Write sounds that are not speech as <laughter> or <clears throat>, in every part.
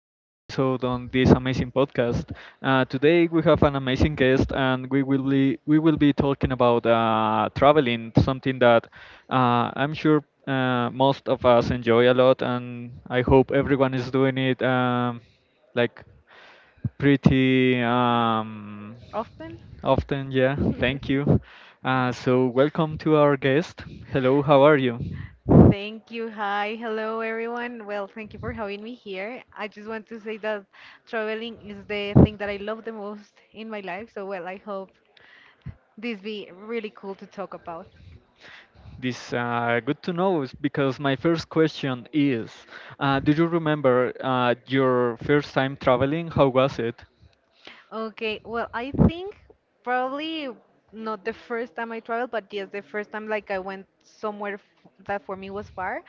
new episode on this amazing podcast. Today we have an amazing guest, and we will be talking about traveling, something that I'm sure most of us enjoy a lot, and I hope everyone is doing it like pretty Often. often. Yeah, thank you. So, welcome to our guest. Hello, how are you? Thank you. Hi. Hello, everyone. Well, thank you for having me here. I just want to say that traveling is the thing that I love the most in my life. So, well, I hope this be really cool to talk about. This, good to know, is because my first question is, do you remember your first time traveling? How was it? Okay, well, I think probably not the first time I traveled, but yes, the first time like I went somewhere f that for me was far.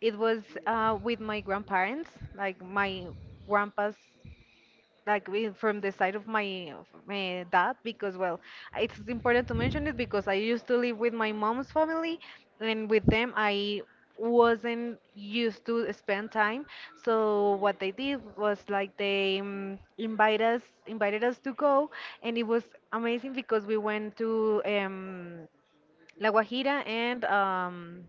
It was with my grandparents, like my grandpa's like from the side of my dad, because well it's important to mention it because I used to live with my mom's family, and with them I wasn't used to spend time. So what they did was like they invited us to go, and it was amazing because we went to La Guajira and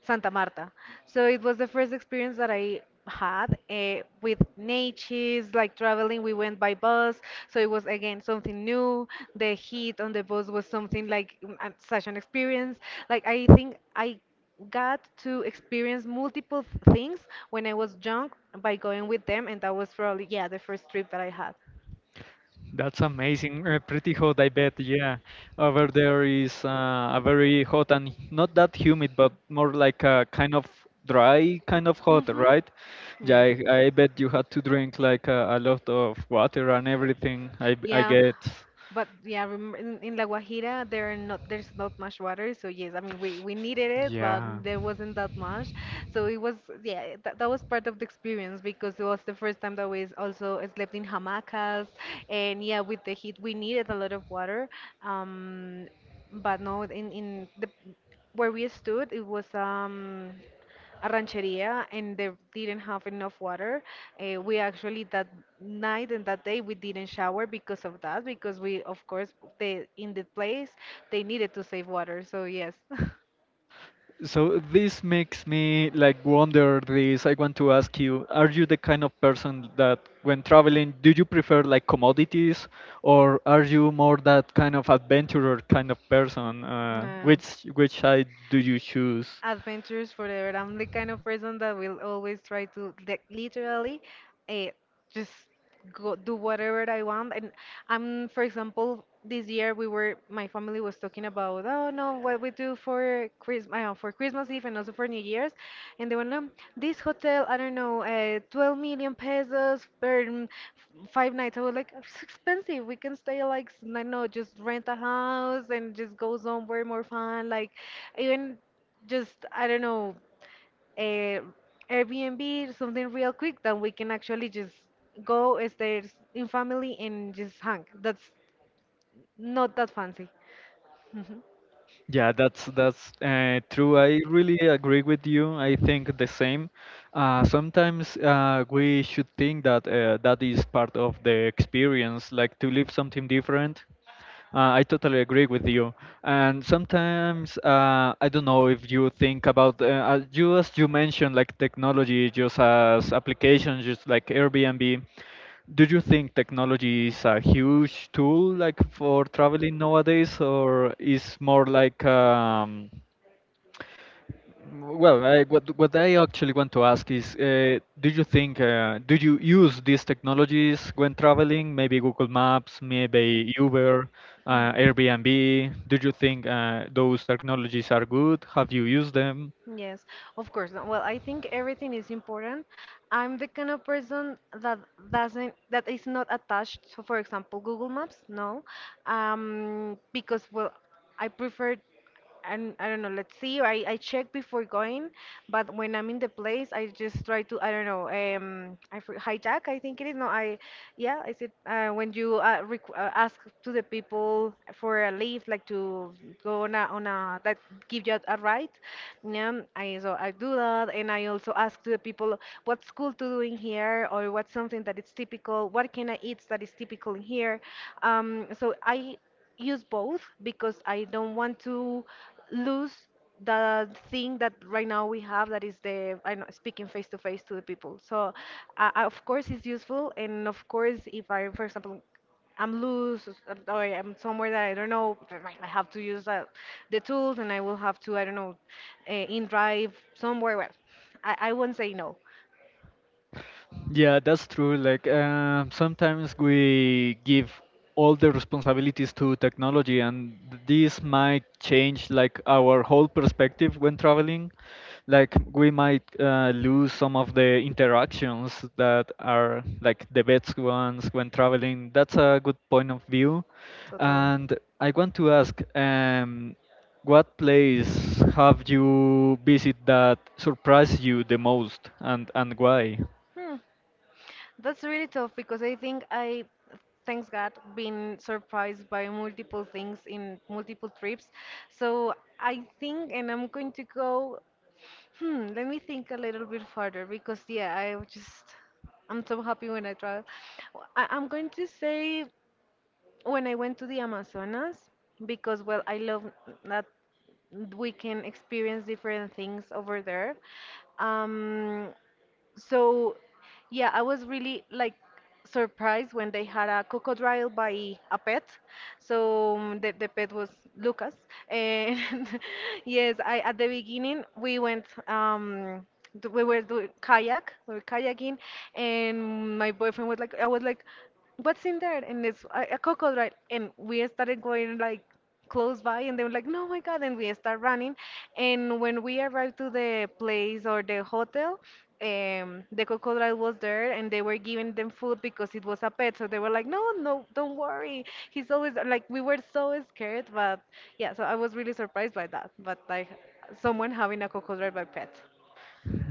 Santa Marta. So it was the first experience that I had with natives, like traveling. We went by bus, so it was again something new. The heat on the bus was something like such an experience. Like I think I got to experience multiple things when I was young by going with them, and that was probably, yeah, the first trip that I had. That's amazing. Pretty hot, I bet. Yeah, over there is a very hot and not that humid, but more like a kind of dry, kind of hot, Mm-hmm. right? Yeah, Yeah. I bet you had to drink like a lot of water and everything. I Yeah. get. But Yeah, yeah, remember in La Guajira, there's not much water, so yes, I mean we needed it, but yeah. there wasn't that much, so it was, yeah, that was part of the experience, because it was the first time that we also slept in hamacas, and yeah, with the heat we needed a lot of water, um, but no, in the where we stood, it was a rancheria and they didn't have enough water. We actually that night and that day we didn't shower because of that, because we of course they in the place they needed to save water. So yes. <laughs> So this makes me like wonder this. I want to ask you, are you the kind of person that when traveling, do you prefer like commodities, or are you more that kind of adventurer kind of person? No. which side do you choose? Adventures forever. I'm the kind of person that will always try to, like, literally uh, just go do whatever I want. And I'm, for example, this year we were, my family was talking about, oh no, what we do for Christmas Eve and also for New Year's, and they went, no, this hotel, I don't know, 12 million pesos per five nights. I was like, it's expensive. We can stay like, I don't know, just rent a house and just go somewhere more fun, like even just I don't know, a Airbnb, something real quick that we can actually just go stay in family and just hang. That's not that fancy. <laughs> Yeah, that's true. I really agree with you. I think the same. Sometimes we should think that that is part of the experience, like to live something different. I totally agree with you. And sometimes I don't know if you think about you, as you mentioned, like technology just as applications, just like Airbnb. Do you think technology is a huge tool like for traveling nowadays, or is more like well, what I actually want to ask is, do you think do you use these technologies when traveling? Maybe Google Maps, maybe Uber, Airbnb. Do you think those technologies are good? Have you used them? Yes, of course. No, well, I think everything is important. I'm the kind of person that doesn't, that is not attached. So, for example, Google Maps, no, because well, I prefer, and I don't know. Let's see. I check before going, but when I'm in the place, I just try to, I don't know, I hijack. I think it is. No, I, yeah, I said when you requ ask to the people for a leave, like to go on a that give you a ride. Yeah, I so I do that, and I also ask to the people what's cool to do in here, or what's something that is typical. What can I eat that is typical in here? So I use both because I don't want to lose the thing that right now we have, that is the I know speaking face to face to the people. So of course it's useful, and of course if I, for example, I'm loose or I'm somewhere that I don't know. I have to use that, the tools, and I will have to I don't know, in drive somewhere. Well, I won't say no, Yeah, that's true. Like sometimes we give all the responsibilities to technology, and this might change like our whole perspective when traveling. Like we might lose some of the interactions that are like the best ones when traveling. That's a good point of view. totally. And I want to ask, what place have you visited that surprised you the most, and why? Hmm. That's really tough because I think I, thanks God, been surprised by multiple things in multiple trips. So I think, and I'm going to go. Hmm. Let me think a little bit further because yeah, I just I'm so happy when I travel. I, I'm going to say, when I went to the Amazonas, because well, I love that we can experience different things over there. Um, so, yeah, I was really like surprised when they had a crocodile by a pet. So the pet was Lucas. And <laughs> yes, I at the beginning we went we were doing kayak, we were kayaking, and my boyfriend was like I was like what's in there? And it's a crocodile, and we started going like close by, and they were like, no my god, and we start running, and when we arrived to the place or the hotel, um, the crocodile was there and they were giving them food because it was a pet. So they were like, no no, don't worry, he's always like, we were so scared, but yeah, so I was really surprised by that, but like someone having a crocodile by pet.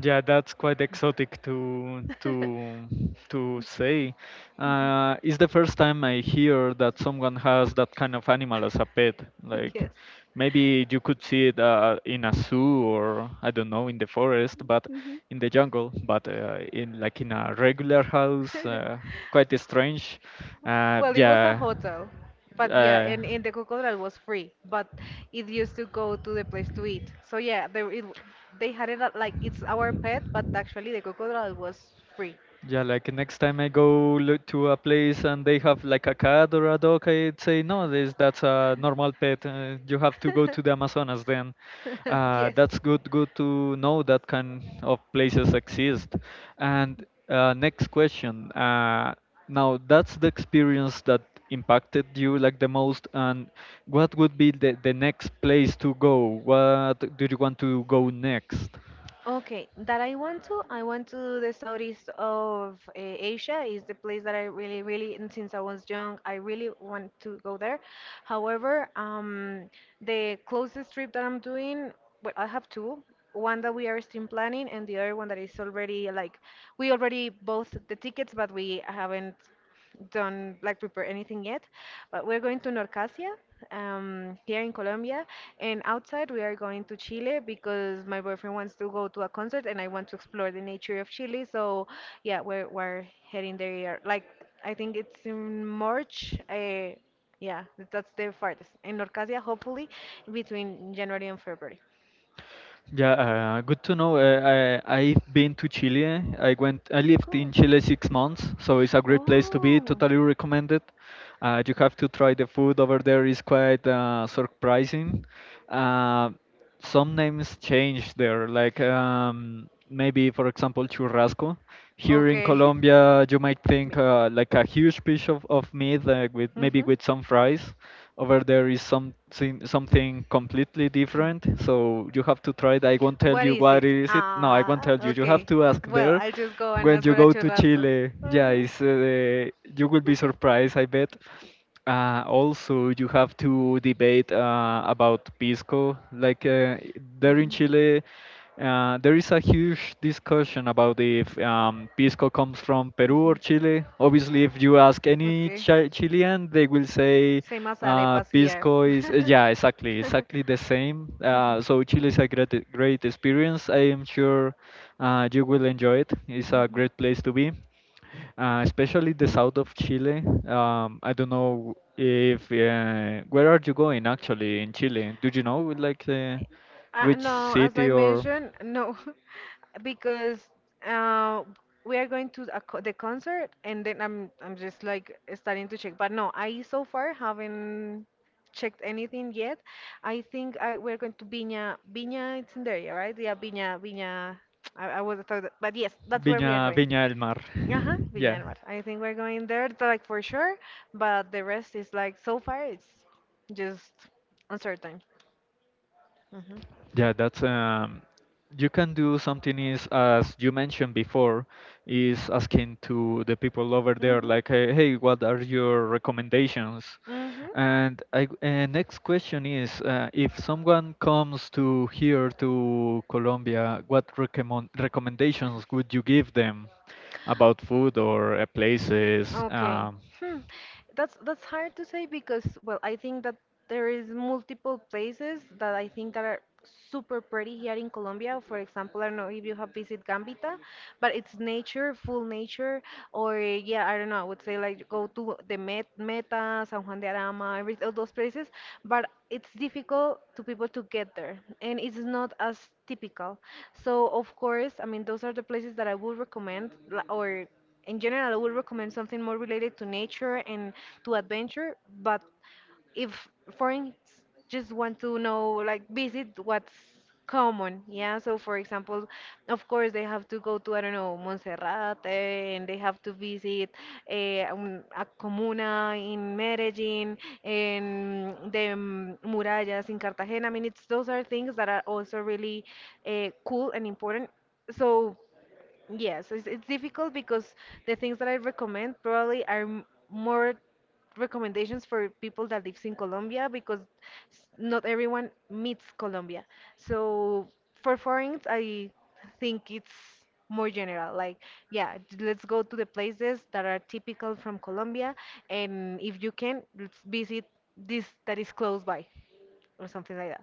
Yeah, that's quite exotic to <laughs> say. It's the first time I hear that someone has that kind of animal as a pet. <laughs> Like Yes. maybe you could see it in a zoo, or I don't know, in the forest, but Mhm. in the jungle. But in, like, in a regular house, <laughs> quite strange. Uh, Well, it was a yeah. hotel, but yeah, Uh, and the crocodile was free, but it used to go to the place to eat. So yeah, they it, they had it at, like it's our pet, but actually the crocodile was free. Yeah, like next time I go look to a place and they have like a cat or a dog, I'd say no, this that's a normal pet. You have to go to the Amazonas then. <laughs> Yes. That's good, good to know that kind of places exist. And next question. Now that's the experience that impacted you like the most, and what would be the next place to go? What do you want to go next? Okay, that I want to the southeast of Asia is the place that I really, really, and since I was young, I really want to go there. However, the closest trip that I'm doing, well, I have two. One that we are still planning, and the other one that is already like we already bought the tickets, but we haven't don't like prepare anything yet, but we're going to Norcasia, here in Colombia, and outside we are going to Chile because my boyfriend wants to go to a concert and I want to explore the nature of Chile. So yeah, we're heading there. Yeah, like I think it's in March. I, yeah, that's the farthest. In Norcasia, hopefully between January and February. Yeah, good to know. I've been to Chile. I lived in Cool. Chile 6 months, so it's a great place to be. Oh. Totally recommend it. You have to try the food over there. Is quite surprising. Uh, some names change there, like maybe, for example, churrasco here in Okay. Colombia you might <laughs> think, Meat. Like, a huge piece of meat, like with, maybe Mhm. with, some fries. Over there is something completely different, so you have to try it. I won't tell What you is what it? is it. No, I won't Ah, tell You have okay. to ask Well, there I'll just go and when ask you for a go to churrasco. Chile. Yeah, Mhm. it's, you will be surprised, I bet. <laughs> Also, you have to debate about Pisco. Like, there in Mhm. Chile, there is a huge discussion about if Pisco comes from Peru or Mhm. Chile. Obviously, if you ask any Okay. Chilean, they will say Same as arepas here. Pisco <laughs> is, yeah, exactly, exactly the same. So Chile is a great, great experience. I am sure you will enjoy it. It's a Mhm. great place to be, especially the south of Chile. I don't know, if where are you going actually in Chile? Do you know like the which No, as I city, or mentioned, no, <laughs> because uh, we are going to a co the concert, and then I'm just like starting to check. But no, I so far haven't checked anything yet. I think I we're going to Viña. Viña, it's in there, area, right? Yeah, Viña. I was thought, but yes, that's where we are going. Viña del Mar? Uh-huh, <laughs> Viña Yeah, del Mar. I think we're going there, like for sure. But the rest is like so far, it's just uncertain. Hmm. yeah, that's you can do something, is, as you mentioned before, is asking to the people over there, Mhm. like, hey, hey, what are your recommendations. Mhm. And next question is, if someone comes to here to Colombia, what recommendations would you give them about food or places? Okay. Hmm. That's hard to say because well, I think that there is multiple places that I think that are super pretty here in Colombia. For example, I don't know if you have visited Gambita, but it's nature, full nature, or yeah, I don't know, I would say like go to the Meta, San Juan de Arama, all those places, but it's difficult to people to get there and it's not as typical. So of course, I mean, those are the places that I would recommend, or in general, I would recommend something more related to nature and to adventure. But if foreigners just want to know, like, visit what's common, yeah. So, for example, of course, they have to go to I don't know Montserrat, eh, and they have to visit a comuna in Medellin, and the murallas in Cartagena. I mean, it's those are things that are also really cool and important. So. Yes, it's difficult because the things that I recommend probably are more recommendations for people that lives in Colombia because not everyone meets Colombia. So for foreigners, I think it's more general. Like, yeah, let's go to the places that are typical from Colombia, and if you can, let's visit this that is close by or something like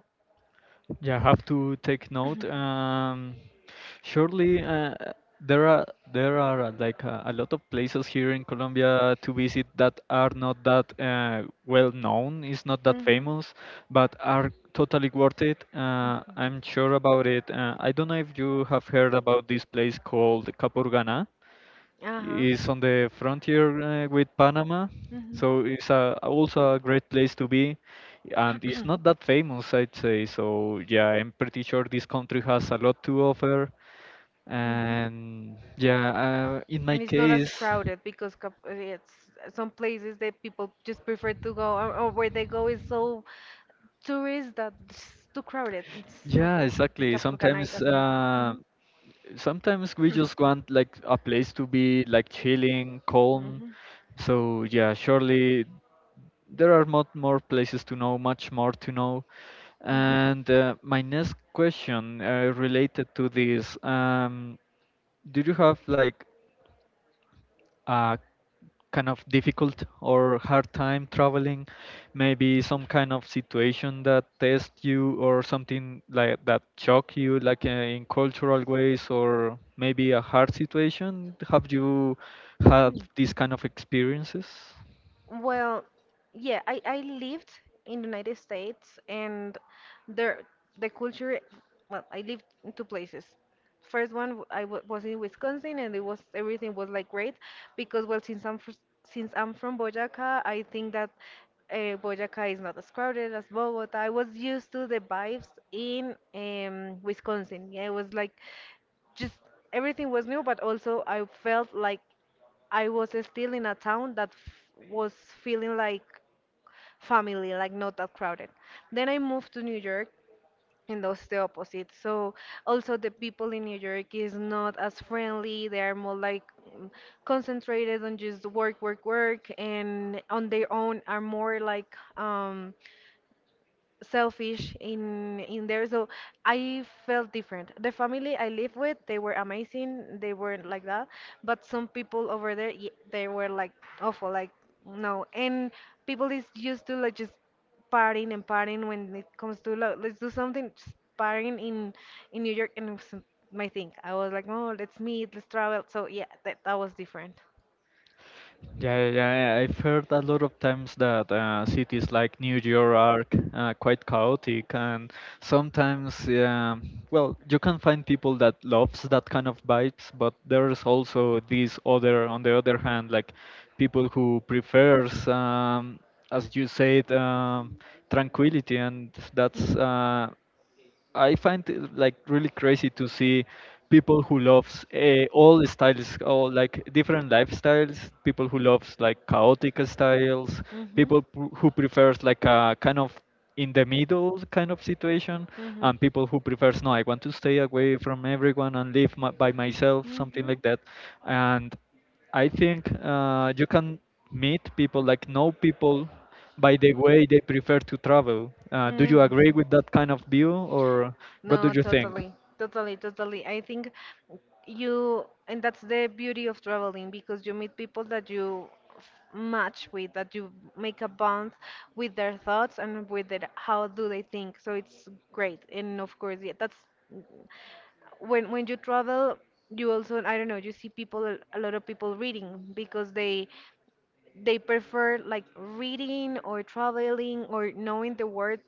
Yeah, I have to take that. note. Surely, there <clears throat> <coughs> are there are like, a lot of places here in Colombia to visit that are not that well known, is not that Mm-hmm. famous, but are totally worth it. Uh-huh. I'm sure about it. I don't know if you have heard about this place called Capurganá. It's on the frontier with Panama, Mm-hmm. so it's also a great place to be, and it's not that famous, I'd say. So yeah, I'm pretty sure this country has a lot to offer. Mm-hmm. And yeah, in my And it's not as case, crowded because it's some places that people just prefer to go, or where they go is so tourist that it's too crowded. It's yeah, awful. exactly. Capurganá it Sometimes, doesn't have. Mm-hmm. sometimes we just want like a place to be, like, chilling, calm. So yeah, surely there are much more places to know, much more to know. And my next question, related to this, do you have like a kind of difficult or hard time traveling, maybe some kind of situation that tests you or something like that shock you, like in cultural ways, or maybe a hard situation. Have you had these kind of experiences? Well, yeah, I lived in the United States and there the culture, well, I lived in two places. First one w- I w was in Wisconsin and it was everything was like great because well since I'm from Boyaca, I think that Boyaca is not as crowded as Bogota. I was used to the vibes in Wisconsin. Yeah, it was like just everything was new, but also I felt like I was still in a town that was feeling like family, like not that crowded. Then I moved to New York, and that's the opposite. So also the people in New York is not as friendly. They are more like mm, concentrated on just work, work, work, and on their own are more like selfish in there. So I felt different. The family I live with, they were amazing, they weren't like that. But some people over there, they were like awful, like no. And people is used to like just partying and partying. When it comes to love, let's do something, just partying in New York. And it was my thing, I was like, oh, let's meet, let's travel. So yeah, that was different. Yeah, yeah, yeah, yeah. I've heard a lot of times that cities like New York are quite chaotic, and sometimes, well, you can find people that loves that kind of vibes, but there's also these other, on the other hand, like people who prefers, as you said, tranquility, and that's I find it, like, really crazy to see people who loves all styles, all like different lifestyles. People who loves like chaotic styles. People who prefers like a kind of in the middle kind of situation, and people who prefers no, I want to stay away from everyone and live by myself, something Mm-hmm. like that. And I think you can meet people, like know people by the way they prefer to travel. Do Mm, you agree with that kind of view, or what do no, you think? totally, totally, totally. I think you, and that's the beauty of traveling, because you meet people that you match with, that you make a bond with their thoughts and with their, how do they think. So it's great. And of course, yeah, that's when you travel, you also, I don't know, you see people, a lot of people reading because they prefer like reading or traveling or knowing the world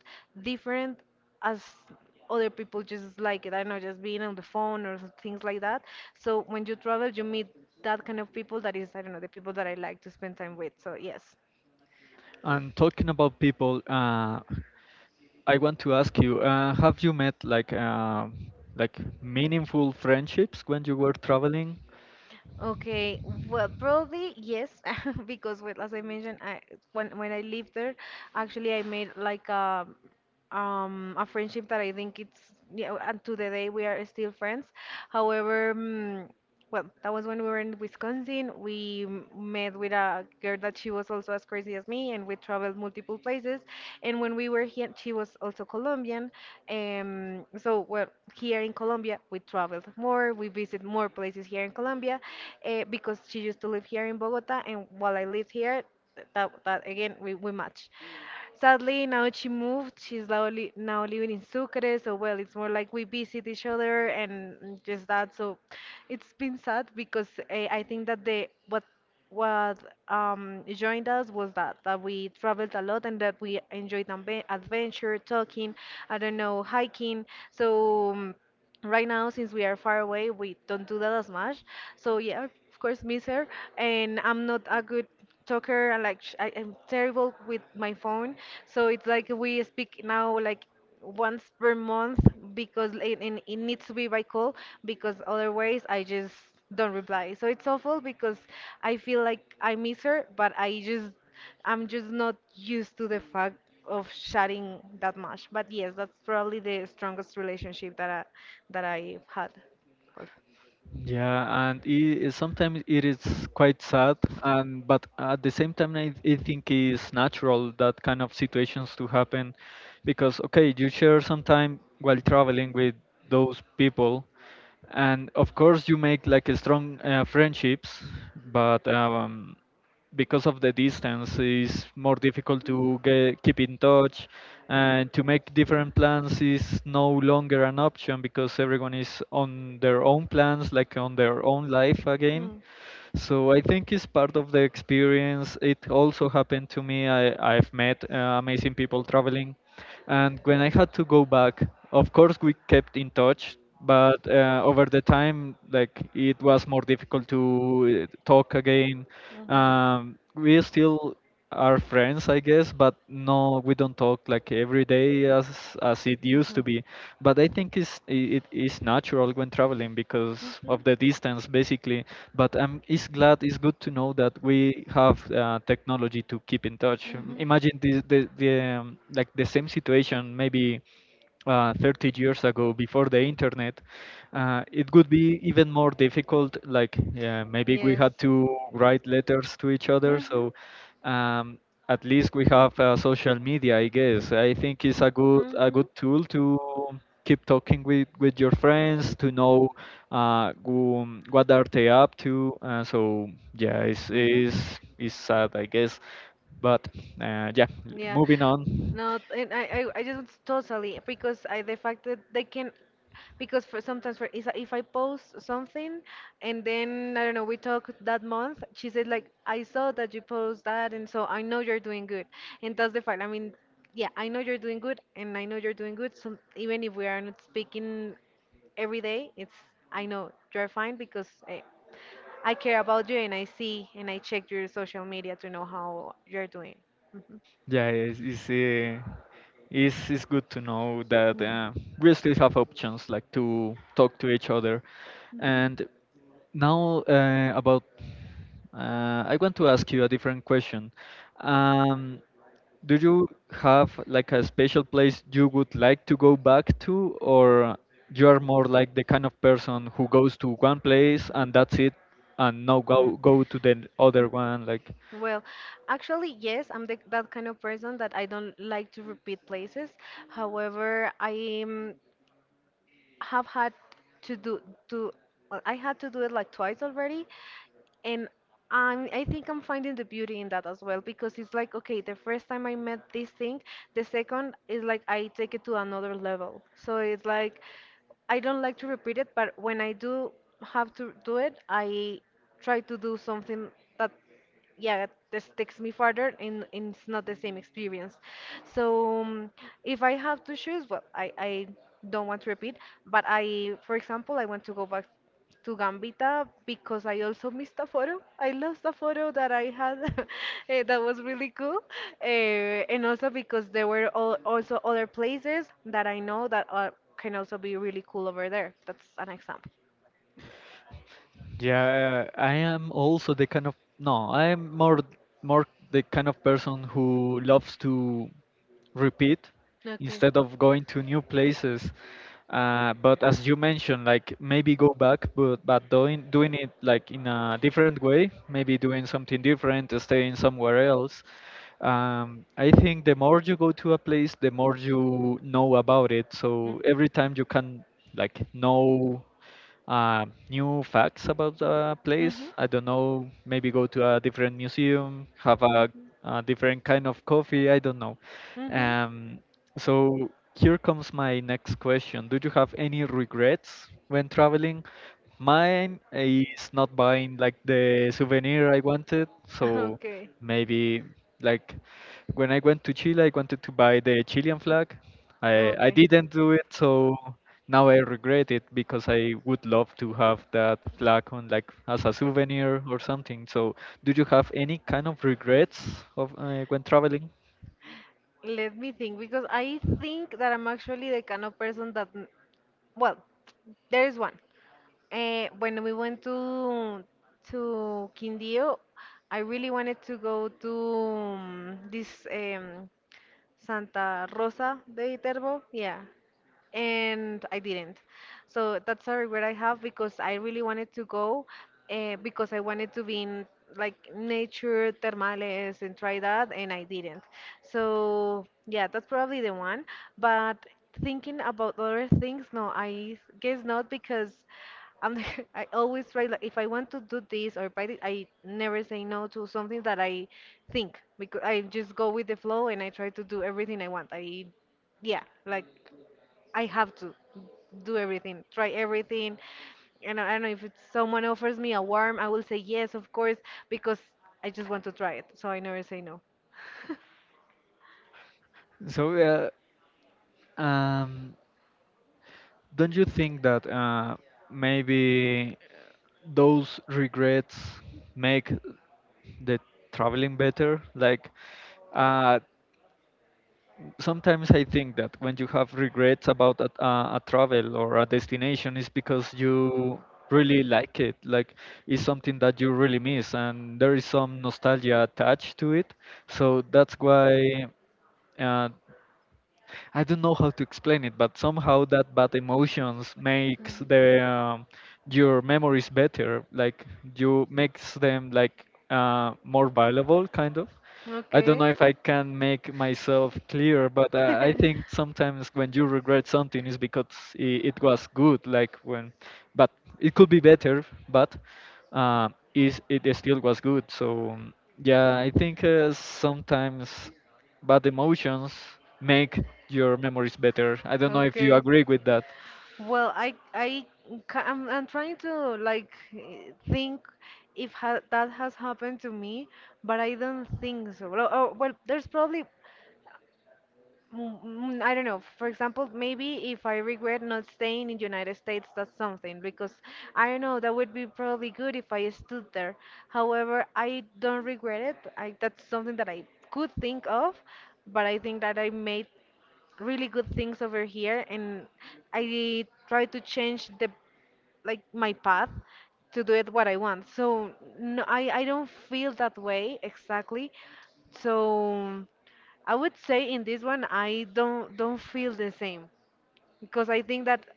different as other people just like it. I don't know, just being on the phone or things like that. So when you travel, you meet that kind of people that is, I don't know, the people that I like to spend time with. So yes. And talking about people, I want to ask you, have you met like meaningful friendships when you were traveling? Okay, well, probably yes, <laughs> because well, as I mentioned, I when I lived there, actually I made like a friendship that I think it's, yeah, and to the day we are still friends. However, well, that was when we were in Wisconsin. We met with a girl that she was also as crazy as me, and we traveled multiple places. And when we were here, she was also Colombian. So, well, here in Colombia, we traveled more, we visit more places here in Colombia, because she used to live here in Bogota, and while I lived here, that again, we match. Sadly, now she moved. She's now living in Sucre. So, well, it's more like we visit each other and just that. So, it's been sad because I think that the what joined us was that we traveled a lot and that we enjoyed adventure, talking, I don't know, hiking. So. Right now, since we are far away, we don't do that as much. So yeah, of course, miss her. And I'm not a good talker. I am terrible with my phone. So it's like we speak now like once per month, because it needs to be by call, because otherwise I just don't reply. So it's awful, because I feel like I miss her, but I'm just not used to the fact of sharing that much. But yes, that's probably the strongest relationship that I had. Yeah, and sometimes it is quite sad, and but at the same time, I think it's natural that kind of situations to happen, because okay, you share some time while traveling with those people, and of course you make like a strong friendships, but because of the distance it's more difficult to keep in touch, and to make different plans is no longer an option because everyone is on their own plans, like, on their own life again. Well, So I think it's part of the experience. It also happened to me. I've met amazing people traveling, and when I had to go back, of course we kept in touch, but over the time, like, it was more difficult to talk again. Mhm. We still are friends, I guess, but no, we don't talk like every day as it used to be. But I think it is natural when traveling because of the distance, basically. But I'm it's glad it's good to know that we have technology to keep in touch. Imagine the like the same situation maybe Mhm. 30 years ago, before the internet, it would be even more difficult. Like, yeah, maybe we had to write letters to each other. So um, at least we have social media, I guess. I think it's a good tool to keep talking with your friends, to know what are they up to. So yeah, it's sad, I guess, but yeah, Yeah. moving on. No, and I just totally, because I the fact that they can, because for sometimes for is if I post something, and then I don't know, we talk that month, she said like I saw that you post that, and so I know you're doing good. And that's the fact, I mean, yeah, I know you're doing good, and I know you're doing good. So even if we are not speaking every day, it's I know you're fine, because I care about you, and I see and I check your social media to know how you're doing. Mhm. Yeah, it's good to know that Mhm. We still have options like to talk to each other. And now, I want to ask you a different question. Um, do you have like a special place you would like to go back to, or you are more like the kind of person who goes to one place and that's it, and no, Mm. Go to the other Mm. one? Like, Well, actually, yes, I'm that kind of person that I don't like to repeat places. However, I have had to do to I had to do it like twice already, and I think I'm finding the beauty in that as well, because it's like, okay, the first time I met this thing, the second is like I take it to another level. So it's like I don't like to repeat it, but when I do have to do it, I try to do something that yeah this takes me farther, and it's not the same experience. So if I have to choose, well, I don't want to repeat, but I for example I want to go back to Gambita, because I also missed a photo, I lost a photo that I had <laughs> that was really cool, and also because there were also other places that I know that are can also be really cool over there. That's an example. yeah, I am also the kind of no, I am more the kind of person who loves to repeat Okay. instead of going to new places. But as you mentioned, like maybe go back, but doing it like in a different way, maybe doing something different, staying somewhere else. I think the more you go to a place, the more you know about it. So every time you can like know new facts about the place. Mhm. I don't know, maybe go to a different museum, have a, Mhm. a different kind of coffee. I don't know. Mhm. Um, so here comes my next question. Do you have any regrets when traveling? Mine is not buying like Mhm. the souvenir I wanted. <laughs> So Okay. maybe like when I went to Chile, I wanted to buy the Chilean flag. I didn't do it, so now I regret it because I would love to have that flag on like as a souvenir or something. So, do you have Okay. any kind of regrets of when traveling? Let me think, because I think that I'm actually the kind of person that, well, there is one. When we went to Quindío, I really wanted to go to this Santa Rosa de Viterbo. Yeah, and I didn't. So that's a regret I have, because I really wanted to go, because I wanted to be in like nature, termales, and try that, and I didn't. So yeah, that's probably the one. But thinking about other things, no, I guess not, because I'm the- <laughs> I always try, like if I want to do this or buy it, I never say no to something that I think, because I just go with the flow and I try to do everything I want. I Yeah, like I have to do everything, try everything. And I don't know, if it's someone offers me a worm, I will say yes, of course, because I just want to try it. So I never say no. So, um, don't you think that maybe those regrets make the traveling better? Like, uh, sometimes I think that when you have regrets about a travel or a destination, is because you really like it. Like it's something that you really miss, and there is some nostalgia attached to it. So that's why uh, I don't know how to explain it, but somehow that bad emotions makes Mhm. the your memories better. Like you makes them like more valuable, kind of. I don't Okay. know if I can make myself clear, but I think sometimes when you regret something is because it was good, like when, but it <laughs> could be better, but uh, is it still was good. So, yeah, I think sometimes bad emotions make your memories better. I don't know if you Okay. agree with that. Well, I'm trying to like think if ha that has happened to me, but I don't think so. Well, oh, well, there's probably I don't know. For example, maybe if I regret not staying in United States, that's something, because I don't know, that would be probably good if I stood there. However, I don't regret it. I that's something that I could think of, but I think that I made really good things over here, and I try to change the like my path to do it what I want. So no, I don't feel that way exactly. So I would say in this one I don't feel the same, because I think that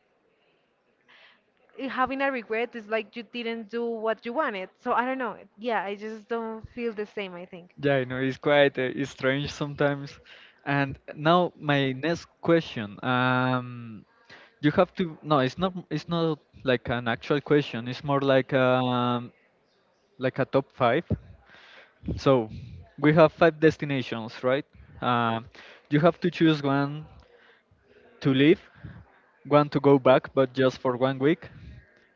i- having a regret is like you didn't do what you wanted. So I don't know. Yeah, I just don't feel the same, I think. Yeah, I know it's quite it's strange sometimes. And now my next question. You have to no, it's not like an actual question. It's more like a top five. So we have five destinations, right? Um, you have to choose one to leave, want to go back, but just for 1 week.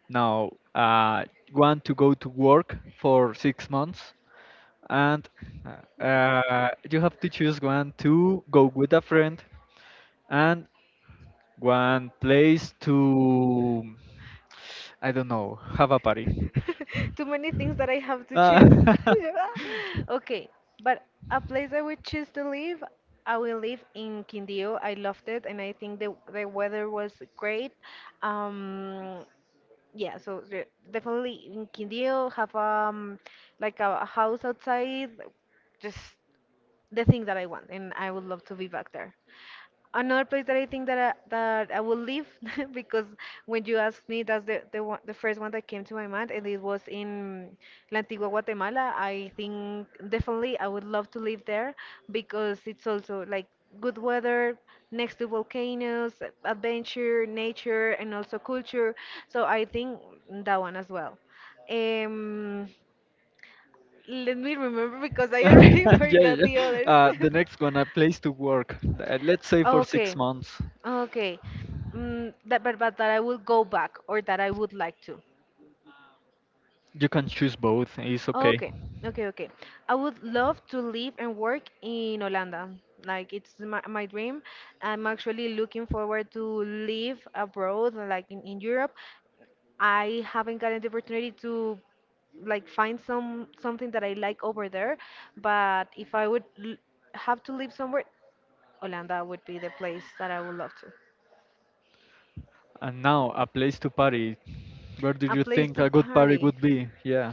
Now, want to go to work for 6 months. And, you have to choose one to go with a friend and one place to, I don't know, have a party. Uh, <laughs> Too many things that I have to choose. <laughs> <laughs> Okay, but a place I would choose to live, I will live in Quindío. I loved it, and I think the weather was great. Um, yeah, so definitely in Quindío, have like a house outside, just the thing that I want, and I would love to be back there. Another place that I think that I will leave <laughs> because when you asked me, that's the first one that came to my mind, and it was in La Antigua Guatemala. I think definitely I would love to live there, because it's also like good weather, next to volcanoes, adventure, nature, and also culture. So I think that one as well. Um, Let me remember, because I already <laughs> <laughs> yeah, forgot yeah. the others. <laughs> The next one, a place to work. Let's say for Okay, 6 months. okay. Mm, that, but that I would go back or that I would like to. You can choose both. It's okay. Okay, okay, okay. I would love to live and work in Holanda. Like it's my dream. I'm actually looking forward to live abroad, like in Europe. I haven't gotten the opportunity to like find something that I like over there, but if I would l have to live somewhere, Holanda would be the place that I would love to. And now, a place to party. Where do A you place think to a good party party. would be? Yeah.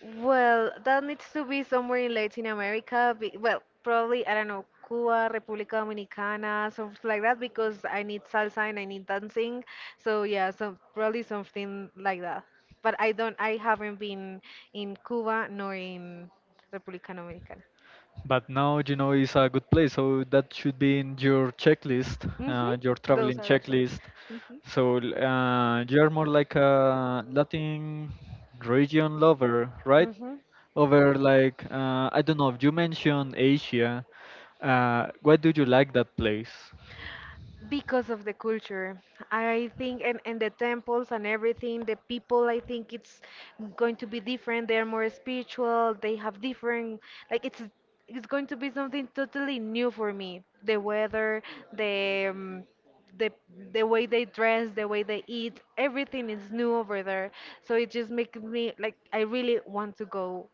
Well, that needs to be somewhere in Latin America. Well, probably, I don't know, Cuba, República Dominicana, something like that, because I need salsa and I need dancing. So yeah, so probably something like that. But I haven't been in Cuba nor in República Dominicana. But now you know it's a good place, so that should be in your checklist, Hmm. Your Those traveling are actually. checklist. Hmm. So you're more like a Latin region lover, right? Hmm. Over like I don't know. You mentioned Asia. Why do you like that place? Because of the culture, I think, and the temples and everything, the people, I think it's going to be different, they're more spiritual, they have different, like it's going to be something totally new for me, the weather, the um, the the way they dress, the way they eat, everything is new over there. So it just makes me like I really want to go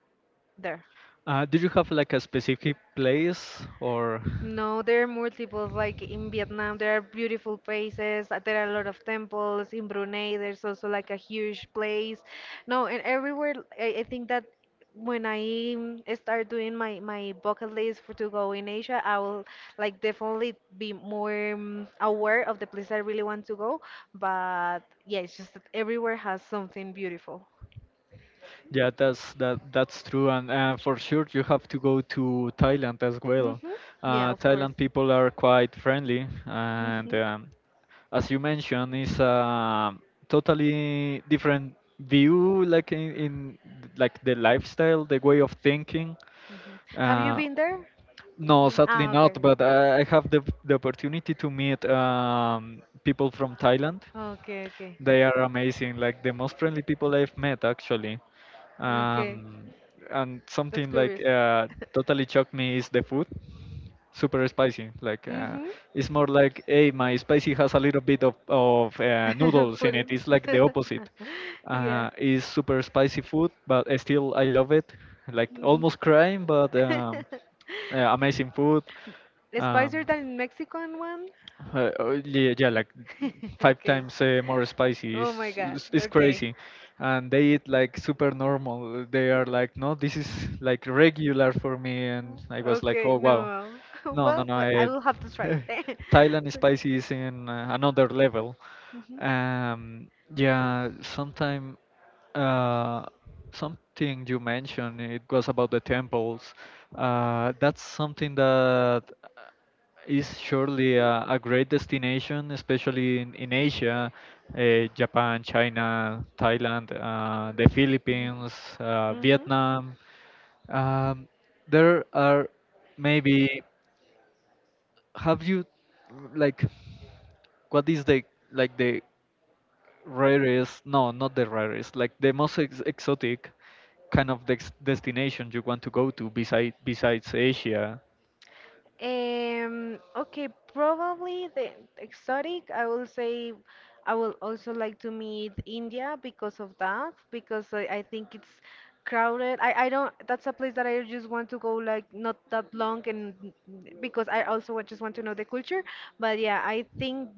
there. Did you have like a specific place or? No, there are multiples. Like in Vietnam, there are beautiful places. There are a lot of temples. In Brunei, there's also like a huge place. No, and everywhere, I think that when I start doing my bucket list for to go in Asia, I will like definitely be more aware of the place I really want to go. But yeah, it's just that everywhere has something beautiful. Yeah, that's that's true, and for sure you have to go to Thailand as well. Mm-hmm. Yeah, of course. Thailand people are quite friendly, and, Mm-hmm. As you mentioned, it's a totally different view, like in, in the lifestyle, the way of thinking. Mm-hmm. Have you Uh, been there? no, sadly Ah, not, okay. but I have the opportunity to meet people from Thailand. Okay, okay, They are amazing, like the most friendly people I've met actually. okay. Um, and That's something like curious. <laughs> Totally shocked me is the food super spicy. Like, Mm-hmm. it's more like, hey, my spicy has a little bit of <laughs> noodles in Put it. in. It's like the opposite. <laughs> Yeah. It's super spicy food, but still I love it. Like Mhm. almost crying, but amazing food. <laughs> Spicier Um, than Mexican one? Oh, yeah, yeah, like <laughs> five Okay. times more spicy. Oh It's, my God. it's it's Okay. crazy, and they eat like super normal. They are like, no, this is like regular for me, and I was like, Okay. oh wow, No. <laughs> no, no, Well, no. but I will have to try <laughs> it. Thailand <laughs> So, spicy is in another level. Mhm. Um, yeah, sometime uh, something you mentioned, it was about the temples. That's something that is surely a great destination, especially in, Asia, uh, Japan, China, Thailand, the Mhm. Philippines, Mhm. Vietnam. Um, there are maybe, have you, like, what is the, like, the rarest, no, not the rarest, like, the most ex exotic kind of dex destination you want to go to besides Asia? Okay, probably the exotic. I will say I will also like to meet India because of that, because I think it's crowded. I don't, that's a place that I just want to go like not that long, and because I also just want to know the culture. But yeah, I think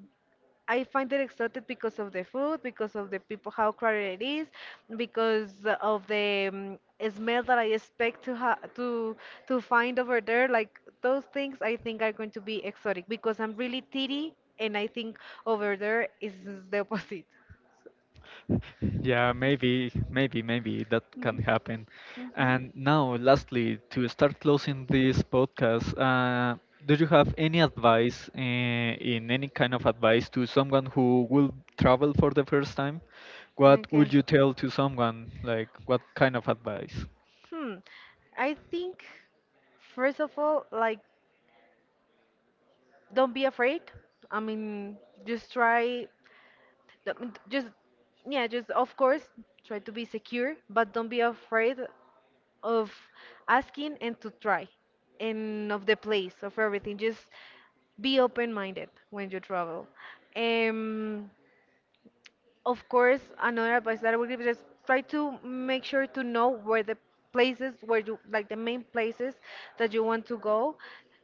I find it exotic because of the food, because of the people, how crowded it is, because of the smell that I expect to ha to find over there. Like those things, I think are going to be exotic, because I'm really titty, and I think over there is the opposite. Yeah, maybe that can happen. Hmm. And now, lastly, to start closing this podcast, do you have any advice, in any kind of advice to someone who will travel for the first time? What would Okay. you tell to someone? Like, what kind of advice? Hmm. I think first of all, like, don't be afraid. I mean, just try. I mean, Just yeah, just of course try to be secure, but don't be afraid of asking and to try, and of the place of everything. Just be open-minded when you travel. Um, Of course, another advice that I would give is just try to make sure to know where the places where you like the main places that you want to go,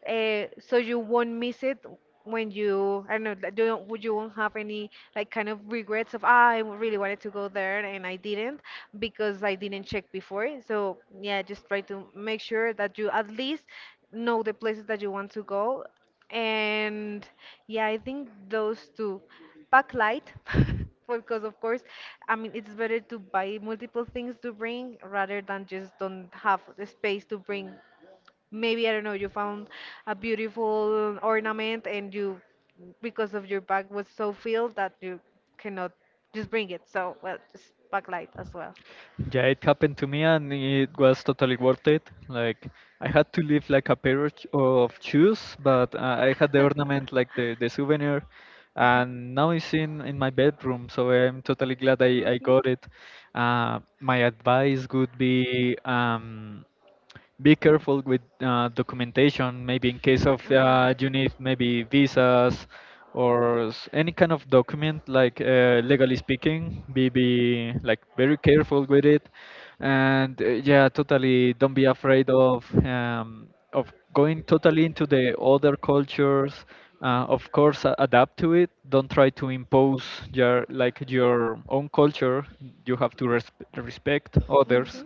so you won't miss it when you I don't know that you won't have any like kind of regrets of I really wanted to go there and I didn't because I didn't check before. So yeah, just try to make sure that you at least know the places that you want to go, and yeah, I think those two. Pack light, <laughs> because of course, I mean, it's better to buy multiple things to bring rather than just don't have the space to bring. Maybe, I don't know, you found a beautiful ornament and you, because of your bag was so filled, that you cannot just bring it. So, well, just pack light as well. Yeah, it happened to me and it was totally worth it. Like I had to leave like a pair of of shoes, but I had the ornament like <laughs> the souvenir and now it's in, my bedroom, so I'm totally glad I got it. My advice would be, be careful with documentation maybe in case of you need maybe visas or any kind of document like, legally speaking be like very careful with it and, yeah, totally don't be afraid of, of going totally into the other cultures, of course adapt to it. Don't try to impose your like your own culture. You have to respect others,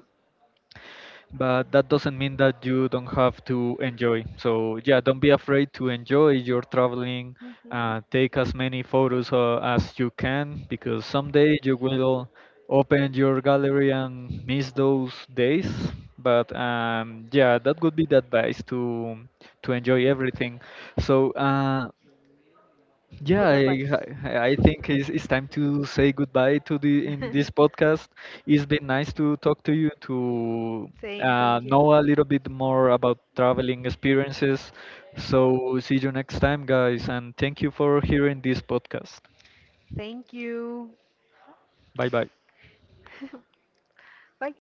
but that doesn't mean that you don't have to enjoy. So yeah, don't be afraid to enjoy your traveling. Mhm. Take as many photos as you can because someday you will open your gallery and miss those days. But, yeah, that would be the advice to enjoy everything. So. Yeah, Good I, advice. I I think it's time to say goodbye to the in this <laughs> podcast. It's been nice to talk to you to Same, thank you. know a little bit more about traveling experiences. So see you next time, guys, and thank you for hearing this podcast. Thank you. Bye bye. <laughs> Bye.